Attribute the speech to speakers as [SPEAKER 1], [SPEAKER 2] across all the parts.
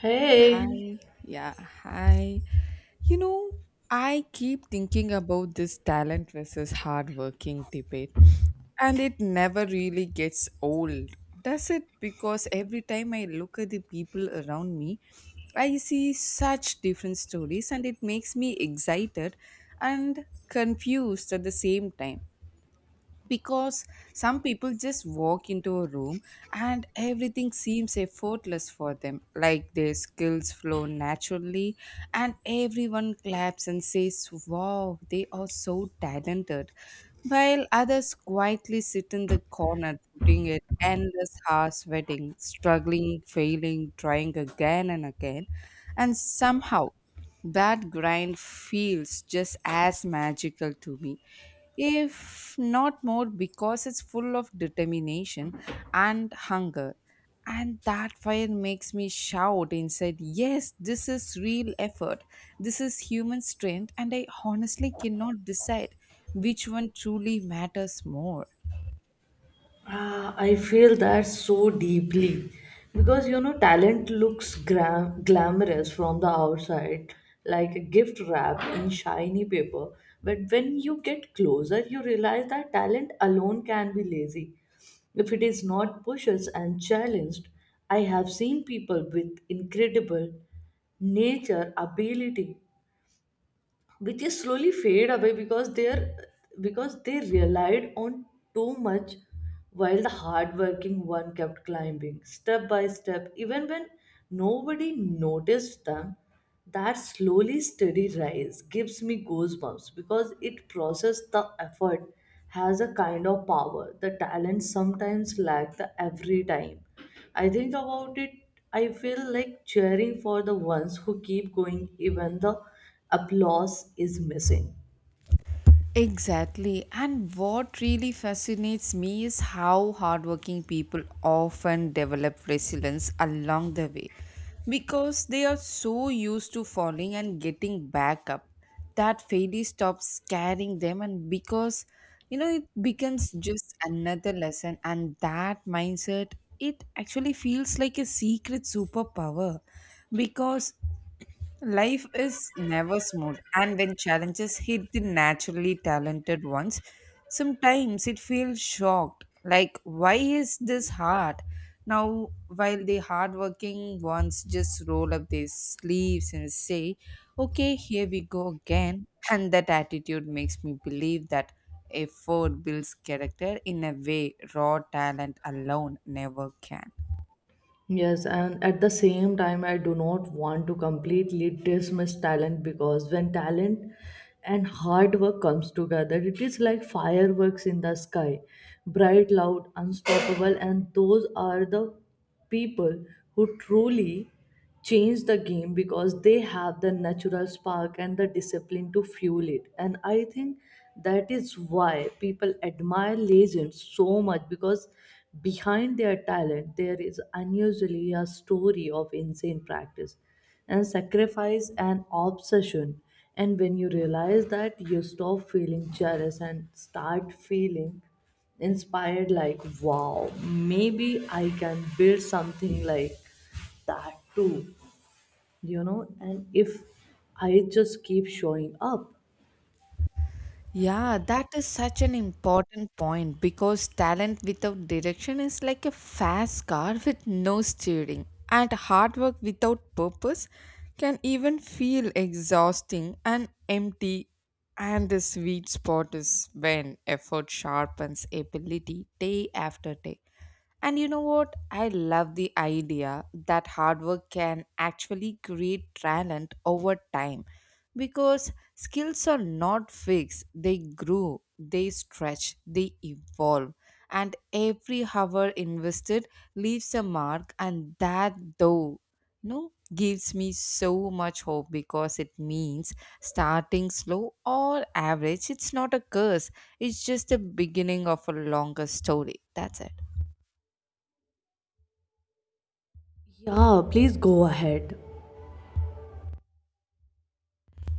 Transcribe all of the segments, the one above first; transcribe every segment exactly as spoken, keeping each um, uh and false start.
[SPEAKER 1] Hey,
[SPEAKER 2] Hi, yeah, hi. You know, I keep thinking about this talent versus hardworking debate, and it never really gets old. Does it? Because every time I look at the people around me, I see such different stories, and it makes me excited and confused at the same time because some people just walk into a room and everything seems effortless for them, like their skills flow naturally and everyone claps and says wow, they are so talented, while others quietly sit in the corner putting it endless hours, sweating, struggling, failing, trying again and again, and somehow that grind feels just as magical to me, if not more, because it's full of determination and hunger, and that fire makes me shout inside, yes, this is real effort, this is human strength, and I honestly cannot decide which one truly matters more.
[SPEAKER 1] ah, I feel that so deeply because you know, talent looks gra- glamorous from the outside, like a gift wrapped in shiny paper. But when you get closer, you realize that talent alone can be lazy if it is not pushed and challenged. I have seen people with incredible nature ability which is slowly fade away because they are because they relied on too much while the hardworking one kept climbing step by step even when nobody noticed them, that slowly steady rise gives me goosebumps because it processes the effort has a kind of power the talent sometimes lack the every time I think about it, I feel like cheering for the ones who keep going even the applause is missing.
[SPEAKER 2] Exactly. And what really fascinates me is how hardworking people often develop resilience along the way because they are so used to falling and getting back up that failure stops scaring them. And because, you know, it becomes just another lesson, and that mindset, it actually feels like a secret superpower because life is never smooth, and when challenges hit the naturally talented ones, sometimes it feels shocked. Like, why is this hard? Now, while the hardworking ones just roll up their sleeves and say, okay, here we go again. And that attitude makes me believe that effort builds character in a way raw talent alone never can.
[SPEAKER 1] Yes, and at the same time, I do not want to completely dismiss talent because when talent and hard work comes together, it is like fireworks in the sky, bright, loud, unstoppable, and those are the people who truly change the game because they have the natural spark and the discipline to fuel it. And I think that is why people admire legends so much because behind their talent there is unusually a story of insane practice and sacrifice and obsession. And when you realize that, you stop feeling jealous and start feeling inspired like wow maybe I can build something like that too, you know. And if I just keep showing up,
[SPEAKER 2] Yeah, that is such an important point because talent without direction is like a fast car with no steering, and hard work without purpose can even feel exhausting and empty. And the sweet spot is when effort sharpens ability day after day. And you know what? I love the idea that hard work can actually create talent over time because skills are not fixed, they grow, they stretch, they evolve. And every hour invested leaves a mark, and that though, no, gives me so much hope because it means starting slow or average, it's not a curse, it's just the beginning of a longer story, that's it.
[SPEAKER 1] yeah, please go ahead.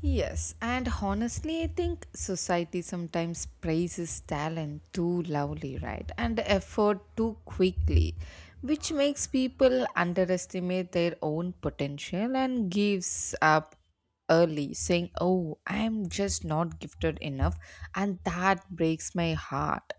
[SPEAKER 2] Yes, and honestly, I think society sometimes praises talent too loudly, right? And effort too quickly, which makes people underestimate their own potential and gives up early, saying, oh, I'm just not gifted enough. And that breaks my heart.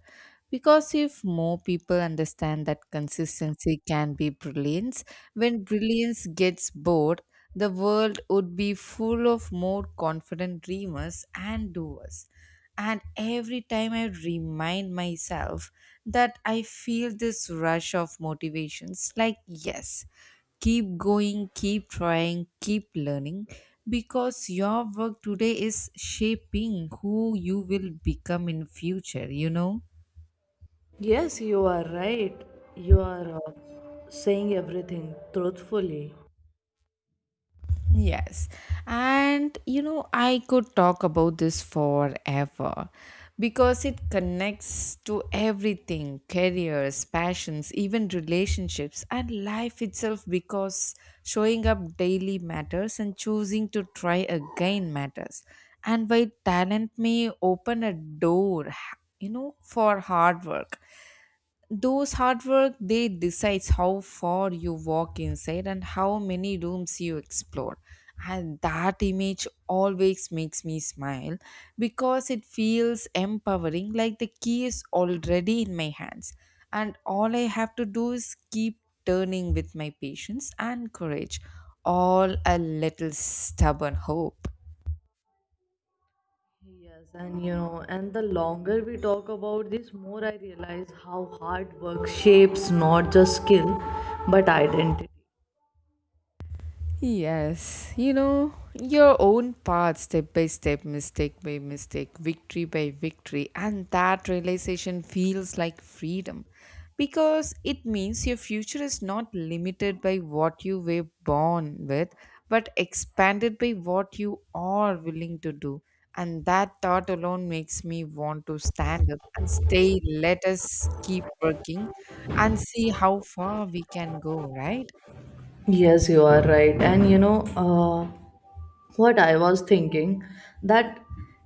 [SPEAKER 2] Because if more people understand that consistency can be brilliance, when brilliance gets bored, the world would be full of more confident dreamers and doers. And every time I remind myself that, I feel this rush of motivations like, yes, keep going, keep trying, keep learning, because your work today is shaping who you will become in future, you know?
[SPEAKER 1] Yes, you are right. You are uh, saying everything truthfully.
[SPEAKER 2] Yes. And you know, I could talk about this forever because it connects to everything, careers, passions, even relationships, and life itself, because showing up daily matters and choosing to try again matters. And while talent may open a door, you know, for hard work, those hard work, they decides how far you walk inside and how many rooms you explore, and that image always makes me smile because it feels empowering, like the key is already in my hands and all I have to do is keep turning with my patience and courage, all a little stubborn hope.
[SPEAKER 1] Yes, and you know, and the longer we talk about this, more I realize how hard work shapes not just skill but identity.
[SPEAKER 2] Yes, you know, your own path, step by step, mistake by mistake, victory by victory, and that realization feels like freedom because it means your future is not limited by what you were born with but expanded by what you are willing to do. And that thought alone makes me want to stand up and stay. Let us keep working and see how far we can go, right?
[SPEAKER 1] Yes, you are right. And you know, uh, what I was thinking that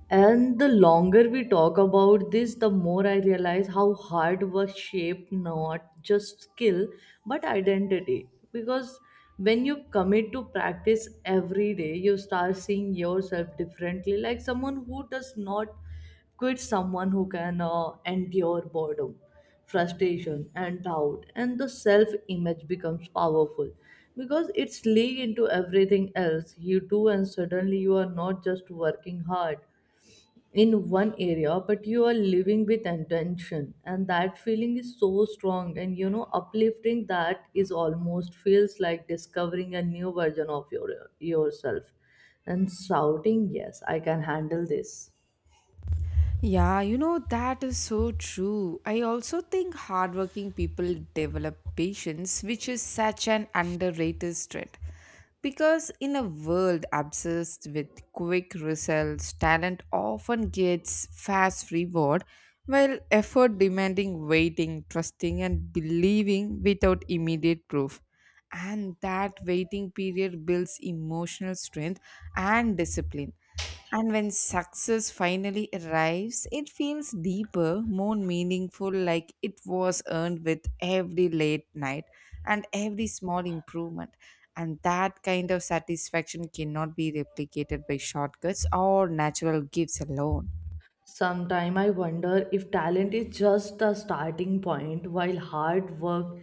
[SPEAKER 1] and the longer we talk about this, the more I realize how hard work shaped not just skill but identity. Because when you commit to practice every day, you start seeing yourself differently, like someone who does not quit, someone who can uh, endure boredom, frustration, and doubt, and the self image becomes powerful because it's leaked into everything else you do, and suddenly you are not just working hard in one area but you are living with intention and that feeling is so strong and you know uplifting that is almost feels like discovering a new version of your yourself and shouting yes I can handle this.
[SPEAKER 2] Yeah, you know, that is so true. I also think hardworking people develop patience, which is such an underrated trait. Because in a world obsessed with quick results, talent often gets fast reward, while effort demanding waiting, trusting, and believing without immediate proof, and that waiting period builds emotional strength and discipline, and when success finally arrives, it feels deeper, more meaningful, like it was earned with every late night and every small improvement, and that kind of satisfaction cannot be replicated by shortcuts or natural gifts alone.
[SPEAKER 1] Sometime I wonder if talent is just the starting point while hard work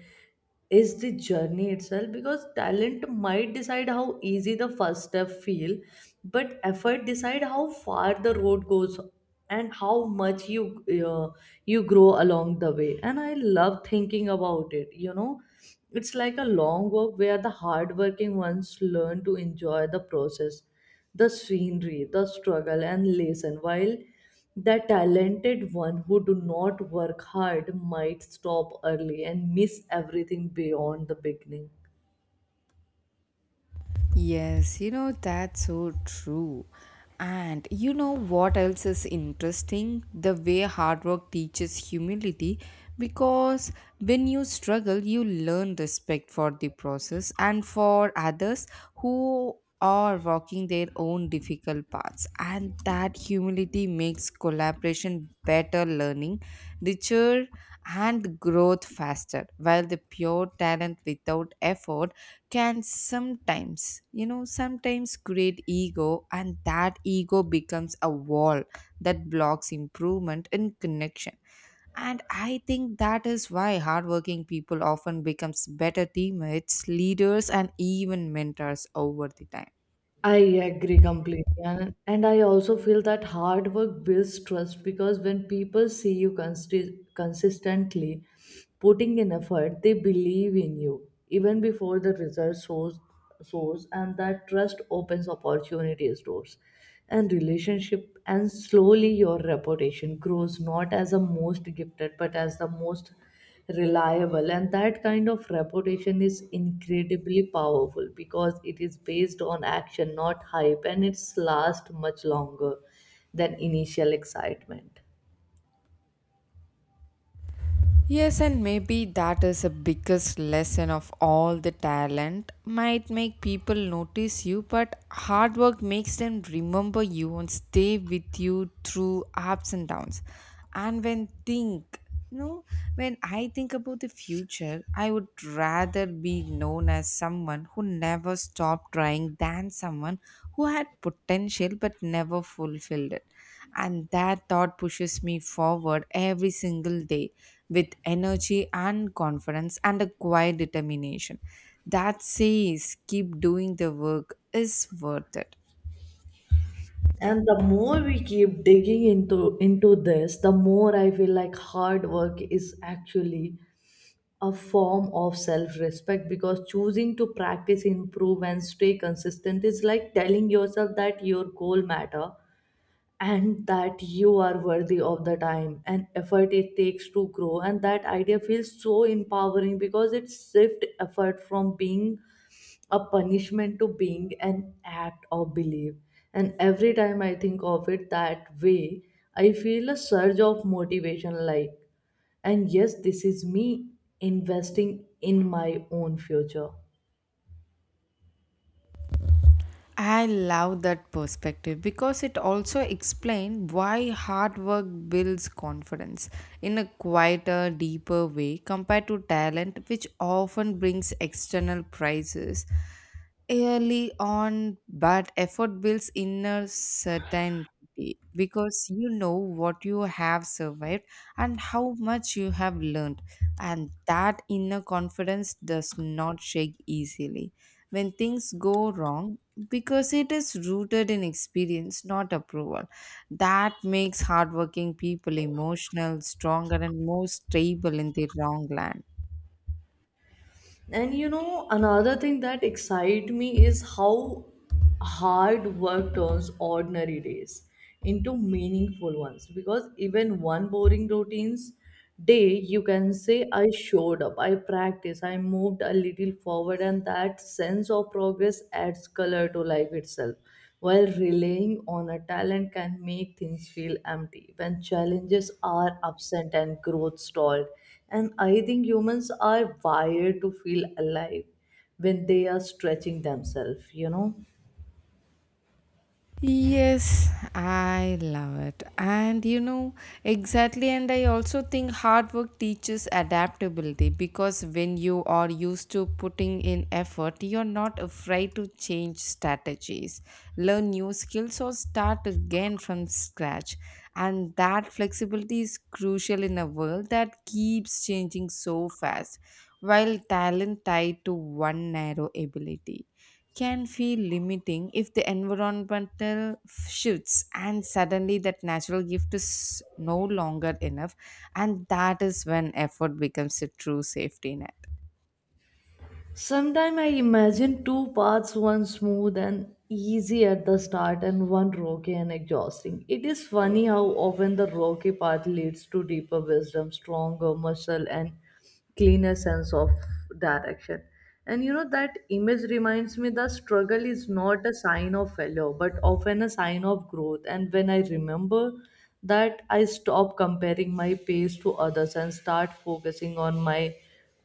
[SPEAKER 1] is the journey itself because talent might decide how easy the first step feel but effort decide how far the road goes and how much you uh, you grow along the way, and I love thinking about it, you know, it's like a long walk where the hardworking ones learn to enjoy the process, the scenery, the struggle, and lesson. While the talented one who do not work hard might stop early and miss everything beyond the beginning.
[SPEAKER 2] Yes, you know, that's so true. And you know what else is interesting? The way hard work teaches humility because when you struggle, you learn respect for the process and for others who are walking their own difficult paths. And that humility makes collaboration better, learning richer, and growth faster, while the pure talent without effort can sometimes, you know, sometimes create ego, and that ego becomes a wall that blocks improvement and connection. And I think that is why hardworking people often becomes better teammates, leaders, and even mentors over the time.
[SPEAKER 1] I agree completely. And, and I also feel that hard work builds trust because when people see you consti- consistently putting in effort, they believe in you even before the result shows, shows and that trust opens opportunities doors and relationship and slowly your reputation grows not as the most gifted but as the most reliable, and that kind of reputation is incredibly powerful because it is based on action not hype and it's last much longer than initial excitement.
[SPEAKER 2] Yes, and maybe that is the biggest lesson of all, the talent might make people notice you, but hard work makes them remember you and stay with you through ups and downs. And when think, you know, when I think about the future, I would rather be known as someone who never stopped trying than someone who had potential but never fulfilled it. And that thought pushes me forward every single day with energy and confidence and a quiet determination that says keep doing, the work is worth it.
[SPEAKER 1] And the more we keep digging into into this the more I feel like hard work is actually a form of self respect because choosing to practice improve and stay consistent is like telling yourself that your goal matter and that you are worthy of the time and effort it takes to grow, and that idea feels so empowering because it shifts effort from being a punishment to being an act of belief, and every time I think of it that way I feel a surge of motivation like and yes this is me investing in my own future.
[SPEAKER 2] I love that perspective because it also explains why hard work builds confidence in a quieter, deeper way compared to talent, which often brings external prizes early on. But effort builds inner certainty because you know what you have survived and how much you have learned, and that inner confidence does not shake easily when things go wrong because it is rooted in experience, not approval. That makes hardworking people emotional, stronger, and more stable in their wrong land.
[SPEAKER 1] And you know, another thing that excite me is how hard work turns ordinary days into meaningful ones. Because even one boring routine's day, you can say, I showed up, I practiced, I moved a little forward, and that sense of progress adds color to life itself. While relying on a talent can make things feel empty when challenges are absent and growth stalled, and I think humans are wired to feel alive when they are stretching themselves, you know.
[SPEAKER 2] Yes, I love it. And you know, exactly. And I also think hard work teaches adaptability because when you are used to putting in effort, you're not afraid to change strategies, learn new skills, or start again from scratch. And that flexibility is crucial in a world that keeps changing so fast, while talent tied to one narrow ability can feel limiting if the environmental shifts and suddenly that natural gift is no longer enough, and that is when effort becomes a true safety net.
[SPEAKER 1] Sometimes I imagine two paths, one smooth and easy at the start, and one rocky and exhausting. It is funny how often the rocky path leads to deeper wisdom, stronger muscle, and cleaner sense of direction. And you know, that image reminds me that struggle is not a sign of failure, but often a sign of growth. And when I remember that, I stop comparing my pace to others and start focusing on my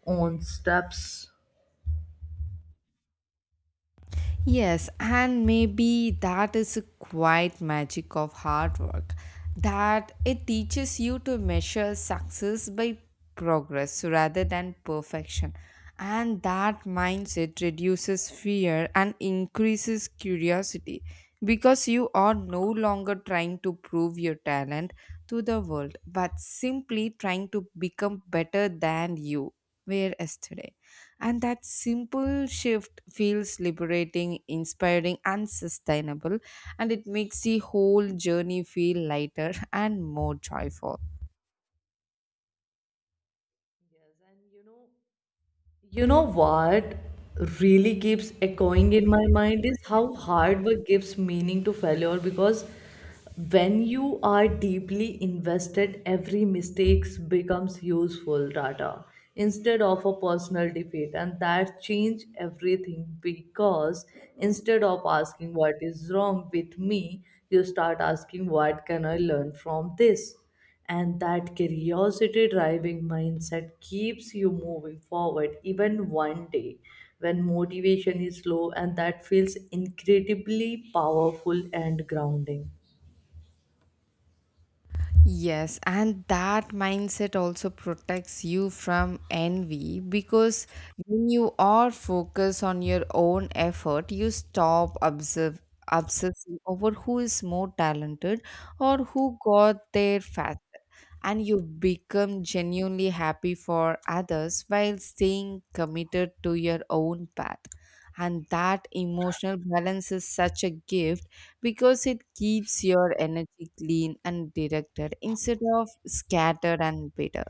[SPEAKER 1] own steps.
[SPEAKER 2] Yes, and maybe that is a quiet magic of hard work, that it teaches you to measure success by progress rather than perfection. And that mindset reduces fear and increases curiosity because you are no longer trying to prove your talent to the world but simply trying to become better than you were yesterday. And that simple shift feels liberating, inspiring, and sustainable. And it makes the whole journey feel lighter and more joyful.
[SPEAKER 1] And you know, you know what really keeps echoing in my mind is how hard work gives meaning to failure because when you are deeply invested, every mistake becomes useful data instead of a personal defeat, and that change everything because instead of asking what is wrong with me, you start asking what can I learn from this, and that curiosity driving mindset keeps you moving forward even one day when motivation is low, and that feels incredibly powerful and grounding.
[SPEAKER 2] Yes, and that mindset also protects you from envy because when you are focused on your own effort, you stop observe, obsessing over who is more talented or who got there faster, and you become genuinely happy for others while staying committed to your own path. And that emotional balance is such a gift because it keeps your energy clean and directed instead of scattered and bitter.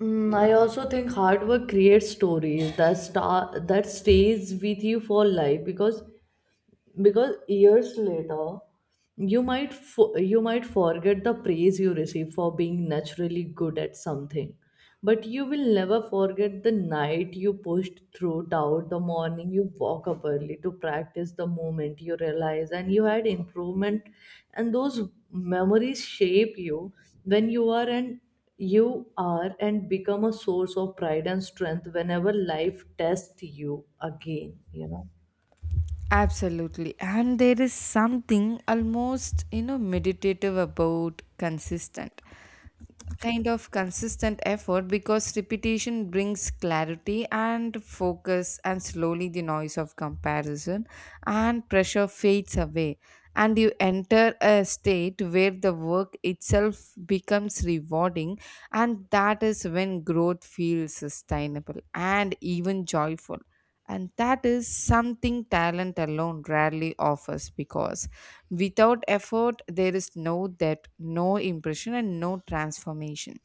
[SPEAKER 1] Mm, I also think hard work creates stories that star that stays with you for life because because years later you might fo- you might forget the praise you receive for being naturally good at something but you will never forget the night you pushed through doubt, the morning you woke up early to practice, the moment you realize and you had improvement, and those memories shape you when you are and you are and become a source of pride and strength whenever life tests you again, you know.
[SPEAKER 2] Absolutely. And there is something almost, you know, meditative about consistent. Kind of consistent effort because repetition brings clarity and focus, and slowly the noise of comparison and pressure fades away and you enter a state where the work itself becomes rewarding, and that is when growth feels sustainable and even joyful, and that is something talent alone rarely offers because without effort there is no depth, no impression, and no transformation.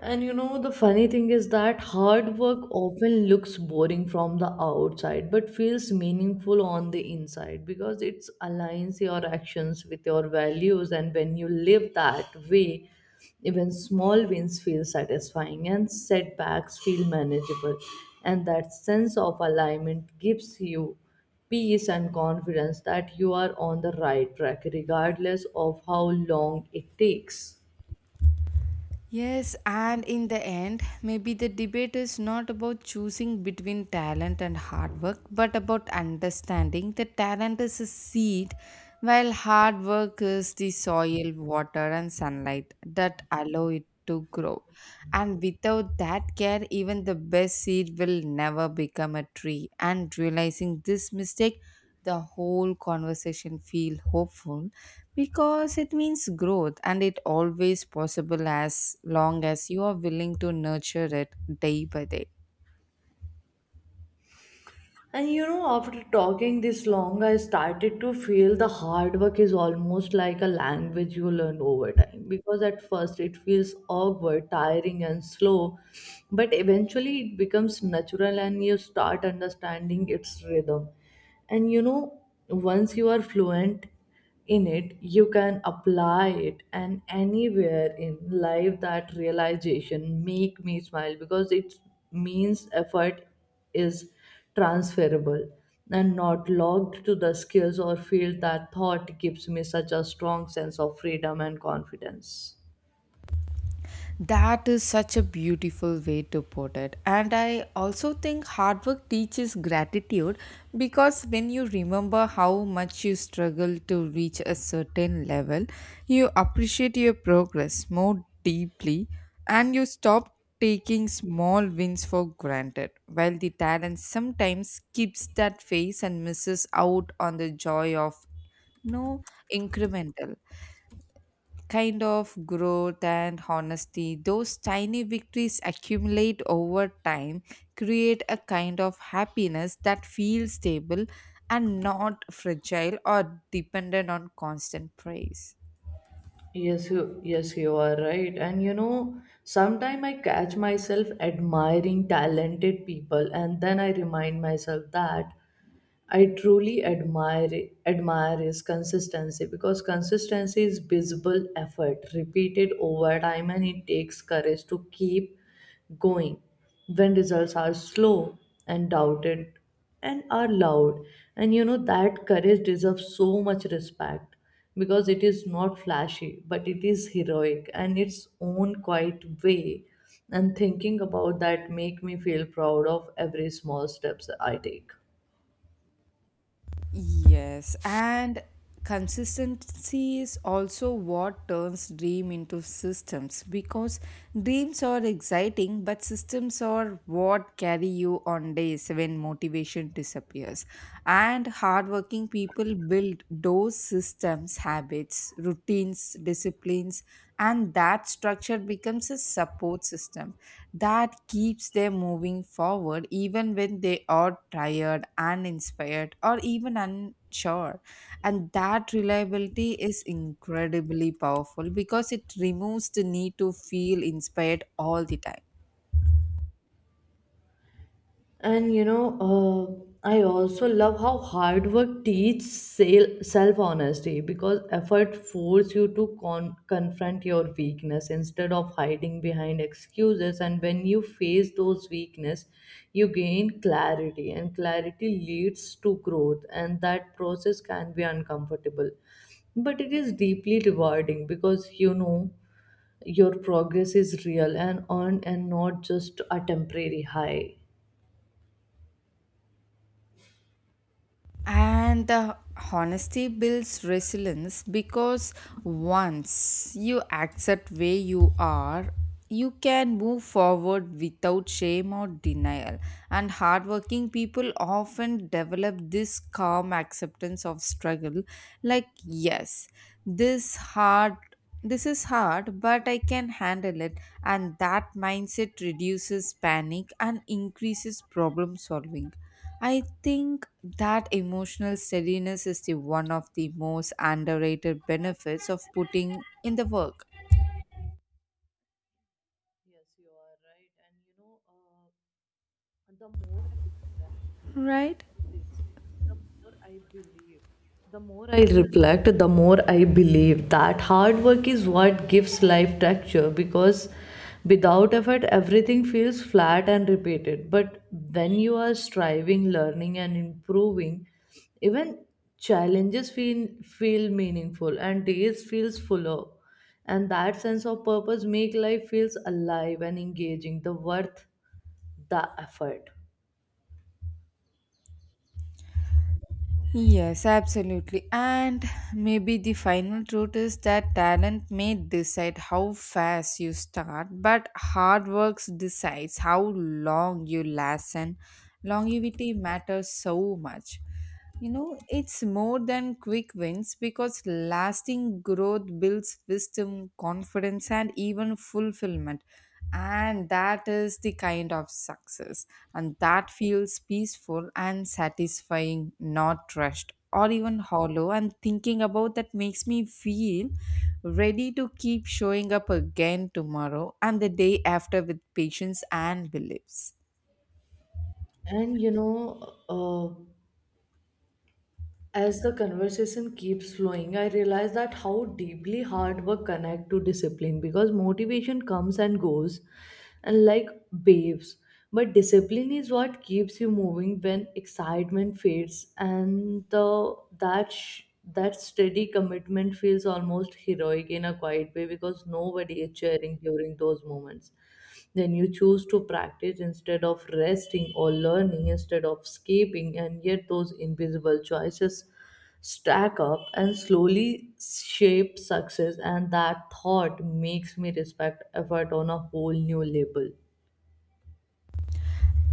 [SPEAKER 1] And you know, the funny thing is that hard work often looks boring from the outside but feels meaningful on the inside because it aligns your actions with your values. And when you live that way, even small wins feel satisfying and setbacks feel manageable. And that sense of alignment gives you peace and confidence that you are on the right track, regardless of how long it takes.
[SPEAKER 2] Yes, and in the end, maybe the debate is not about choosing between talent and hard work, but about understanding that talent is a seed, while hard work is the soil, water, and sunlight that allow it to grow. And without that care, even the best seed will never become a tree. And realizing this mistake, the whole conversation feel hopeful because it means growth and it always possible as long as you are willing to nurture it day by day.
[SPEAKER 1] And you know, after talking this long, I started to feel the hard work is almost like a language you learn over time because at first it feels awkward, tiring, and slow, but eventually it becomes natural and you start understanding its rhythm. And you know, once you are fluent in it, you can apply it, and anywhere in life, that realization make me smile because it means effort is transferable and not logged to the skills or field, that thought gives me such a strong sense of freedom and confidence.
[SPEAKER 2] That is such a beautiful way to put it. And I also think hard work teaches gratitude because when you remember how much you struggle to reach a certain level, you appreciate your progress more deeply and you stop taking small wins for granted. While the talent sometimes skips that phase and misses out on the joy of, no, incremental kind of growth, and honesty, those tiny victories accumulate over time, create a kind of happiness that feels stable and not fragile or dependent on constant praise.
[SPEAKER 1] Yes, you, yes, you are right. And you know, sometimes I catch myself admiring talented people, and then I remind myself that I truly admire admire is consistency because consistency is visible effort repeated over time and it takes courage to keep going when results are slow and doubted and are loud, and you know that courage deserves so much respect because it is not flashy but it is heroic and its own quiet way, and thinking about that make me feel proud of every small steps I take.
[SPEAKER 2] Yes, and consistency is also what turns dream into systems because dreams are exciting but systems are what carry you on days when motivation disappears, and hardworking people build those systems, habits, routines routines, disciplines, and that structure becomes a support system that keeps them moving forward even when they are tired, uninspired, or even unsure. And that reliability is incredibly powerful because it removes the need to feel inspired all the time.
[SPEAKER 1] And you know, uh, I also love how hard work teaches self honesty because effort forces you to con- confront your weakness instead of hiding behind excuses. And when you face those weakness, you gain clarity, and clarity leads to growth. And that process can be uncomfortable, but it is deeply rewarding because you know your progress is real and earned, and not just a temporary high.
[SPEAKER 2] And the honesty builds resilience because once you accept where you are, you can move forward without shame or denial. And hardworking people often develop this calm acceptance of struggle like, yes, this hard. This is hard, but I can handle it, and that mindset reduces panic and increases problem solving I think that emotional steadiness is the one of the most underrated benefits of putting in the work,
[SPEAKER 1] Yes, you are right. And you know, uh, the more I do that,
[SPEAKER 2] right?
[SPEAKER 1] all this, the more I believe, the more I reflect, the more I believe that hard work is what gives life texture because without effort, everything feels flat and repeated. But when you are striving, learning, and improving, even challenges feel, feel meaningful and days feels fuller, and that sense of purpose make life feels alive and engaging the worth the effort.
[SPEAKER 2] Yes, absolutely. And maybe the final truth is that talent may decide how fast you start, but hard work decides how long you last. And longevity matters so much. You know, it's more than quick wins because lasting growth builds wisdom, confidence, and even fulfillment. And that is the kind of success. And that feels peaceful and satisfying, not rushed or even hollow. And thinking about that makes me feel ready to keep showing up again tomorrow and the day after with patience and beliefs.
[SPEAKER 1] And you know uh, as the conversation keeps flowing, I realize that how deeply hard work connect to discipline because motivation comes and goes and like waves. But discipline is what keeps you moving when excitement fades and the that sh- that steady commitment feels almost heroic in a quiet way because nobody is cheering during those moments. Then you choose to practice instead of resting or learning instead of escaping, and yet those invisible choices stack up and slowly shape success, and that thought makes me respect effort on a whole new level.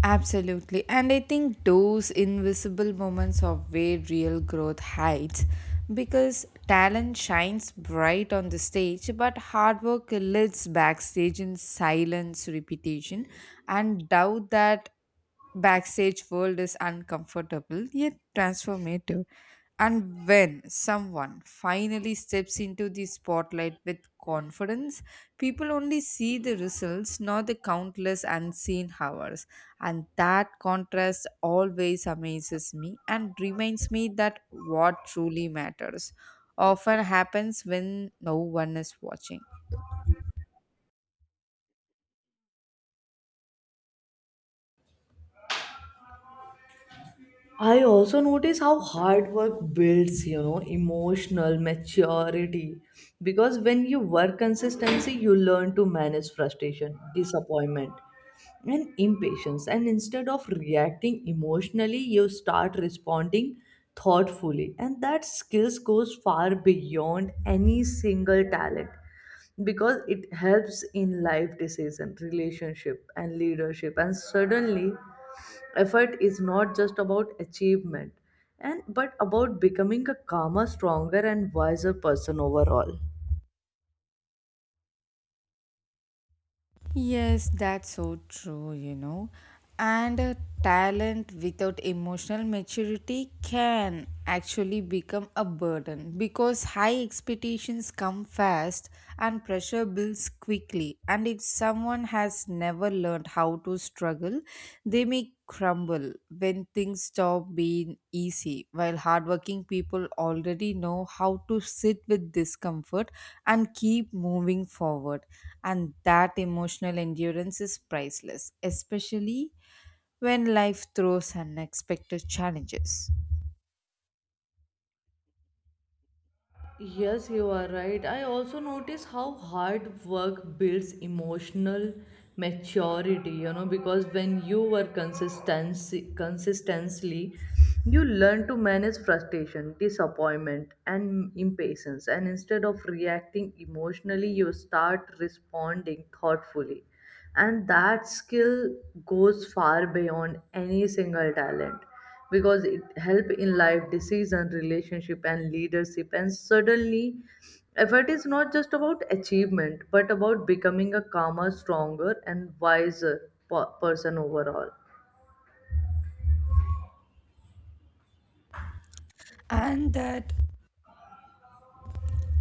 [SPEAKER 2] Absolutely. And I think those invisible moments are where real growth hides because talent shines bright on the stage, but hard work lives backstage in silence, repetition, and doubt that backstage world is uncomfortable yet transformative. And when someone finally steps into the spotlight with confidence, people only see the results, not the countless unseen hours. And that contrast always amazes me and reminds me that what truly matters often happens when no one is watching.
[SPEAKER 1] I also notice how hard work builds, you know, emotional maturity. Because when you work consistency, you learn to manage frustration, disappointment, and impatience. And instead of reacting emotionally, you start responding thoughtfully. And that skills goes far beyond any single talent because it helps in life decision, relationship, and leadership. And suddenly effort is not just about achievement and but about becoming a calmer stronger and wiser person overall.
[SPEAKER 2] Yes, that's so true, you know. And a talent without emotional maturity can actually become a burden because high expectations come fast and pressure builds quickly. And if someone has never learned how to struggle, they may crumble when things stop being easy, while hardworking people already know how to sit with discomfort and keep moving forward. And that emotional endurance is priceless, especially when life throws unexpected challenges.
[SPEAKER 1] Yes, you are right. I also notice how hard work builds emotional maturity, you know, because when you work consistency consistently, you learn to manage frustration, disappointment, and impatience. And instead of reacting emotionally, you start responding thoughtfully, and that skill goes far beyond any single talent because it help in life decision relationship and leadership, and suddenly effort is not just about achievement but about becoming a calmer stronger and wiser per- person overall.
[SPEAKER 2] And that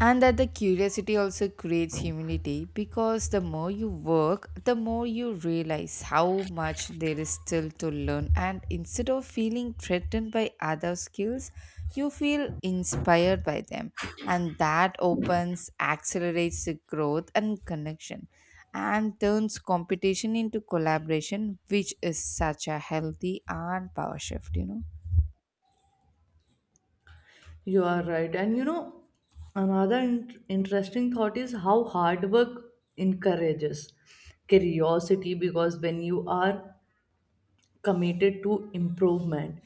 [SPEAKER 2] And that the curiosity also creates humility because the more you work, the more you realize how much there is still to learn. And instead of feeling threatened by other skills, you feel inspired by them. And that opens, accelerates the growth and connection and turns competition into collaboration, which is such a healthy and power shift, you know.
[SPEAKER 1] You are right. And you know, another in- interesting thought is how hard work encourages curiosity because when you are committed to improvement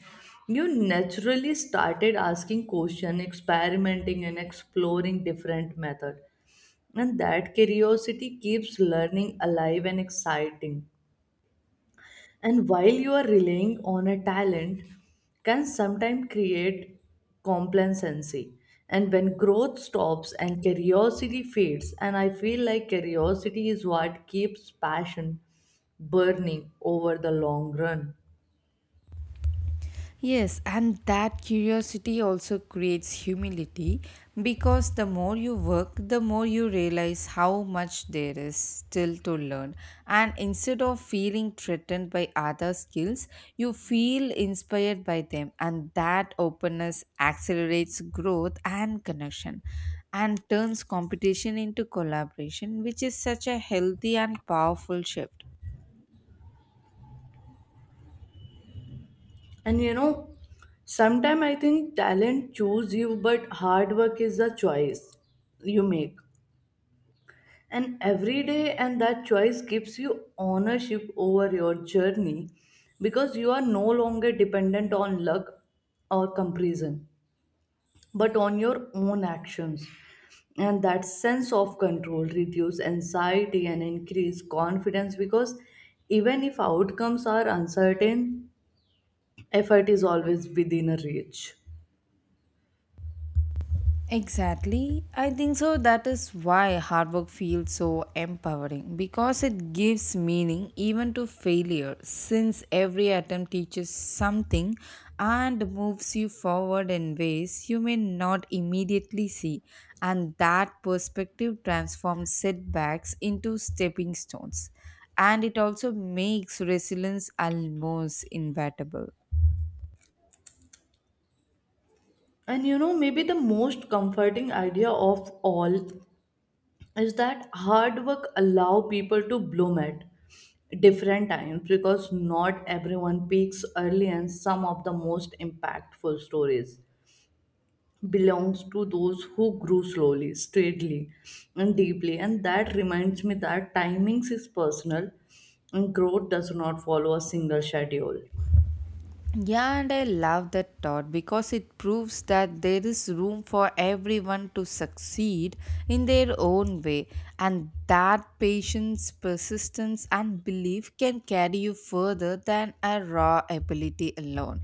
[SPEAKER 1] you naturally started asking questions experimenting and exploring different methods, and that curiosity keeps learning alive and exciting, and while you are relying on a talent can sometimes create complacency and when growth stops and curiosity fades, and I feel like curiosity is what keeps passion burning over the long run.
[SPEAKER 2] Yes, and that curiosity also creates humility because the more you work, the more you realize how much there is still to learn. And instead of feeling threatened by other skills, you feel inspired by them, and that openness accelerates growth and connection and turns competition into collaboration, which is such a healthy and powerful shift.
[SPEAKER 1] And you know, sometimes I think talent choose you, but hard work is the choice you make. And every day, and that choice gives you ownership over your journey because you are no longer dependent on luck or comparison, but on your own actions. And that sense of control reduce anxiety and increase confidence because even if outcomes are uncertain, effort is always within a reach.
[SPEAKER 2] Exactly. I think so. That is why hard work feels so empowering because it gives meaning even to failure, since every attempt teaches something and moves you forward in ways you may not immediately see. And that perspective transforms setbacks into stepping stones. And it also makes resilience almost inevitable.
[SPEAKER 1] And you know, maybe the most comforting idea of all is that hard work allow people to bloom at different times because not everyone peaks early and some of the most impactful stories belongs to those who grew slowly, steadily and deeply. And that reminds me that timings is personal and growth does not follow a single schedule.
[SPEAKER 2] Yeah, and I love that thought because it proves that there is room for everyone to succeed in their own way, and that patience, persistence, and belief can carry you further than a raw ability alone.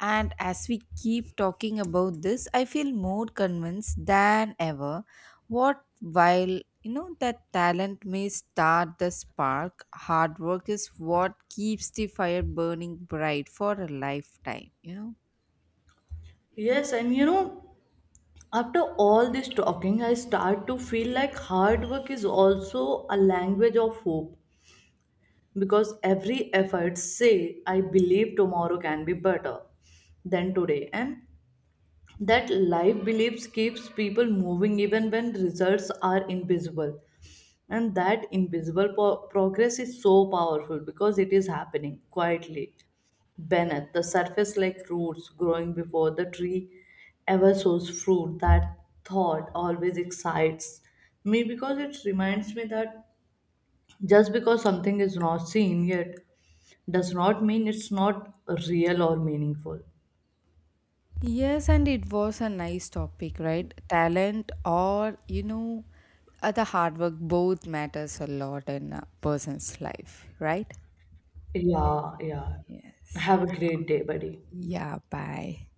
[SPEAKER 2] And as we keep talking about this, I feel more convinced than ever what while you know that talent may start the spark, hard work is what keeps the fire burning bright for a lifetime, you know.
[SPEAKER 1] Yes, and you know, after all this talking, I start to feel like hard work is also a language of hope because every effort say I believe tomorrow can be better than today, and that life beliefs keeps people moving even when results are invisible, and that invisible po- progress is so powerful because it is happening quietly beneath the surface like roots growing before the tree ever sows fruit, that thought always excites me because it reminds me that just because something is not seen yet does not mean it's not real or meaningful.
[SPEAKER 2] Yes, and it was a nice topic, right? Talent or you know, uh, the hard work both matters a lot in a person's life, right?
[SPEAKER 1] Yeah, yeah.
[SPEAKER 2] Yes.
[SPEAKER 1] Have a great day, buddy.
[SPEAKER 2] Yeah, bye.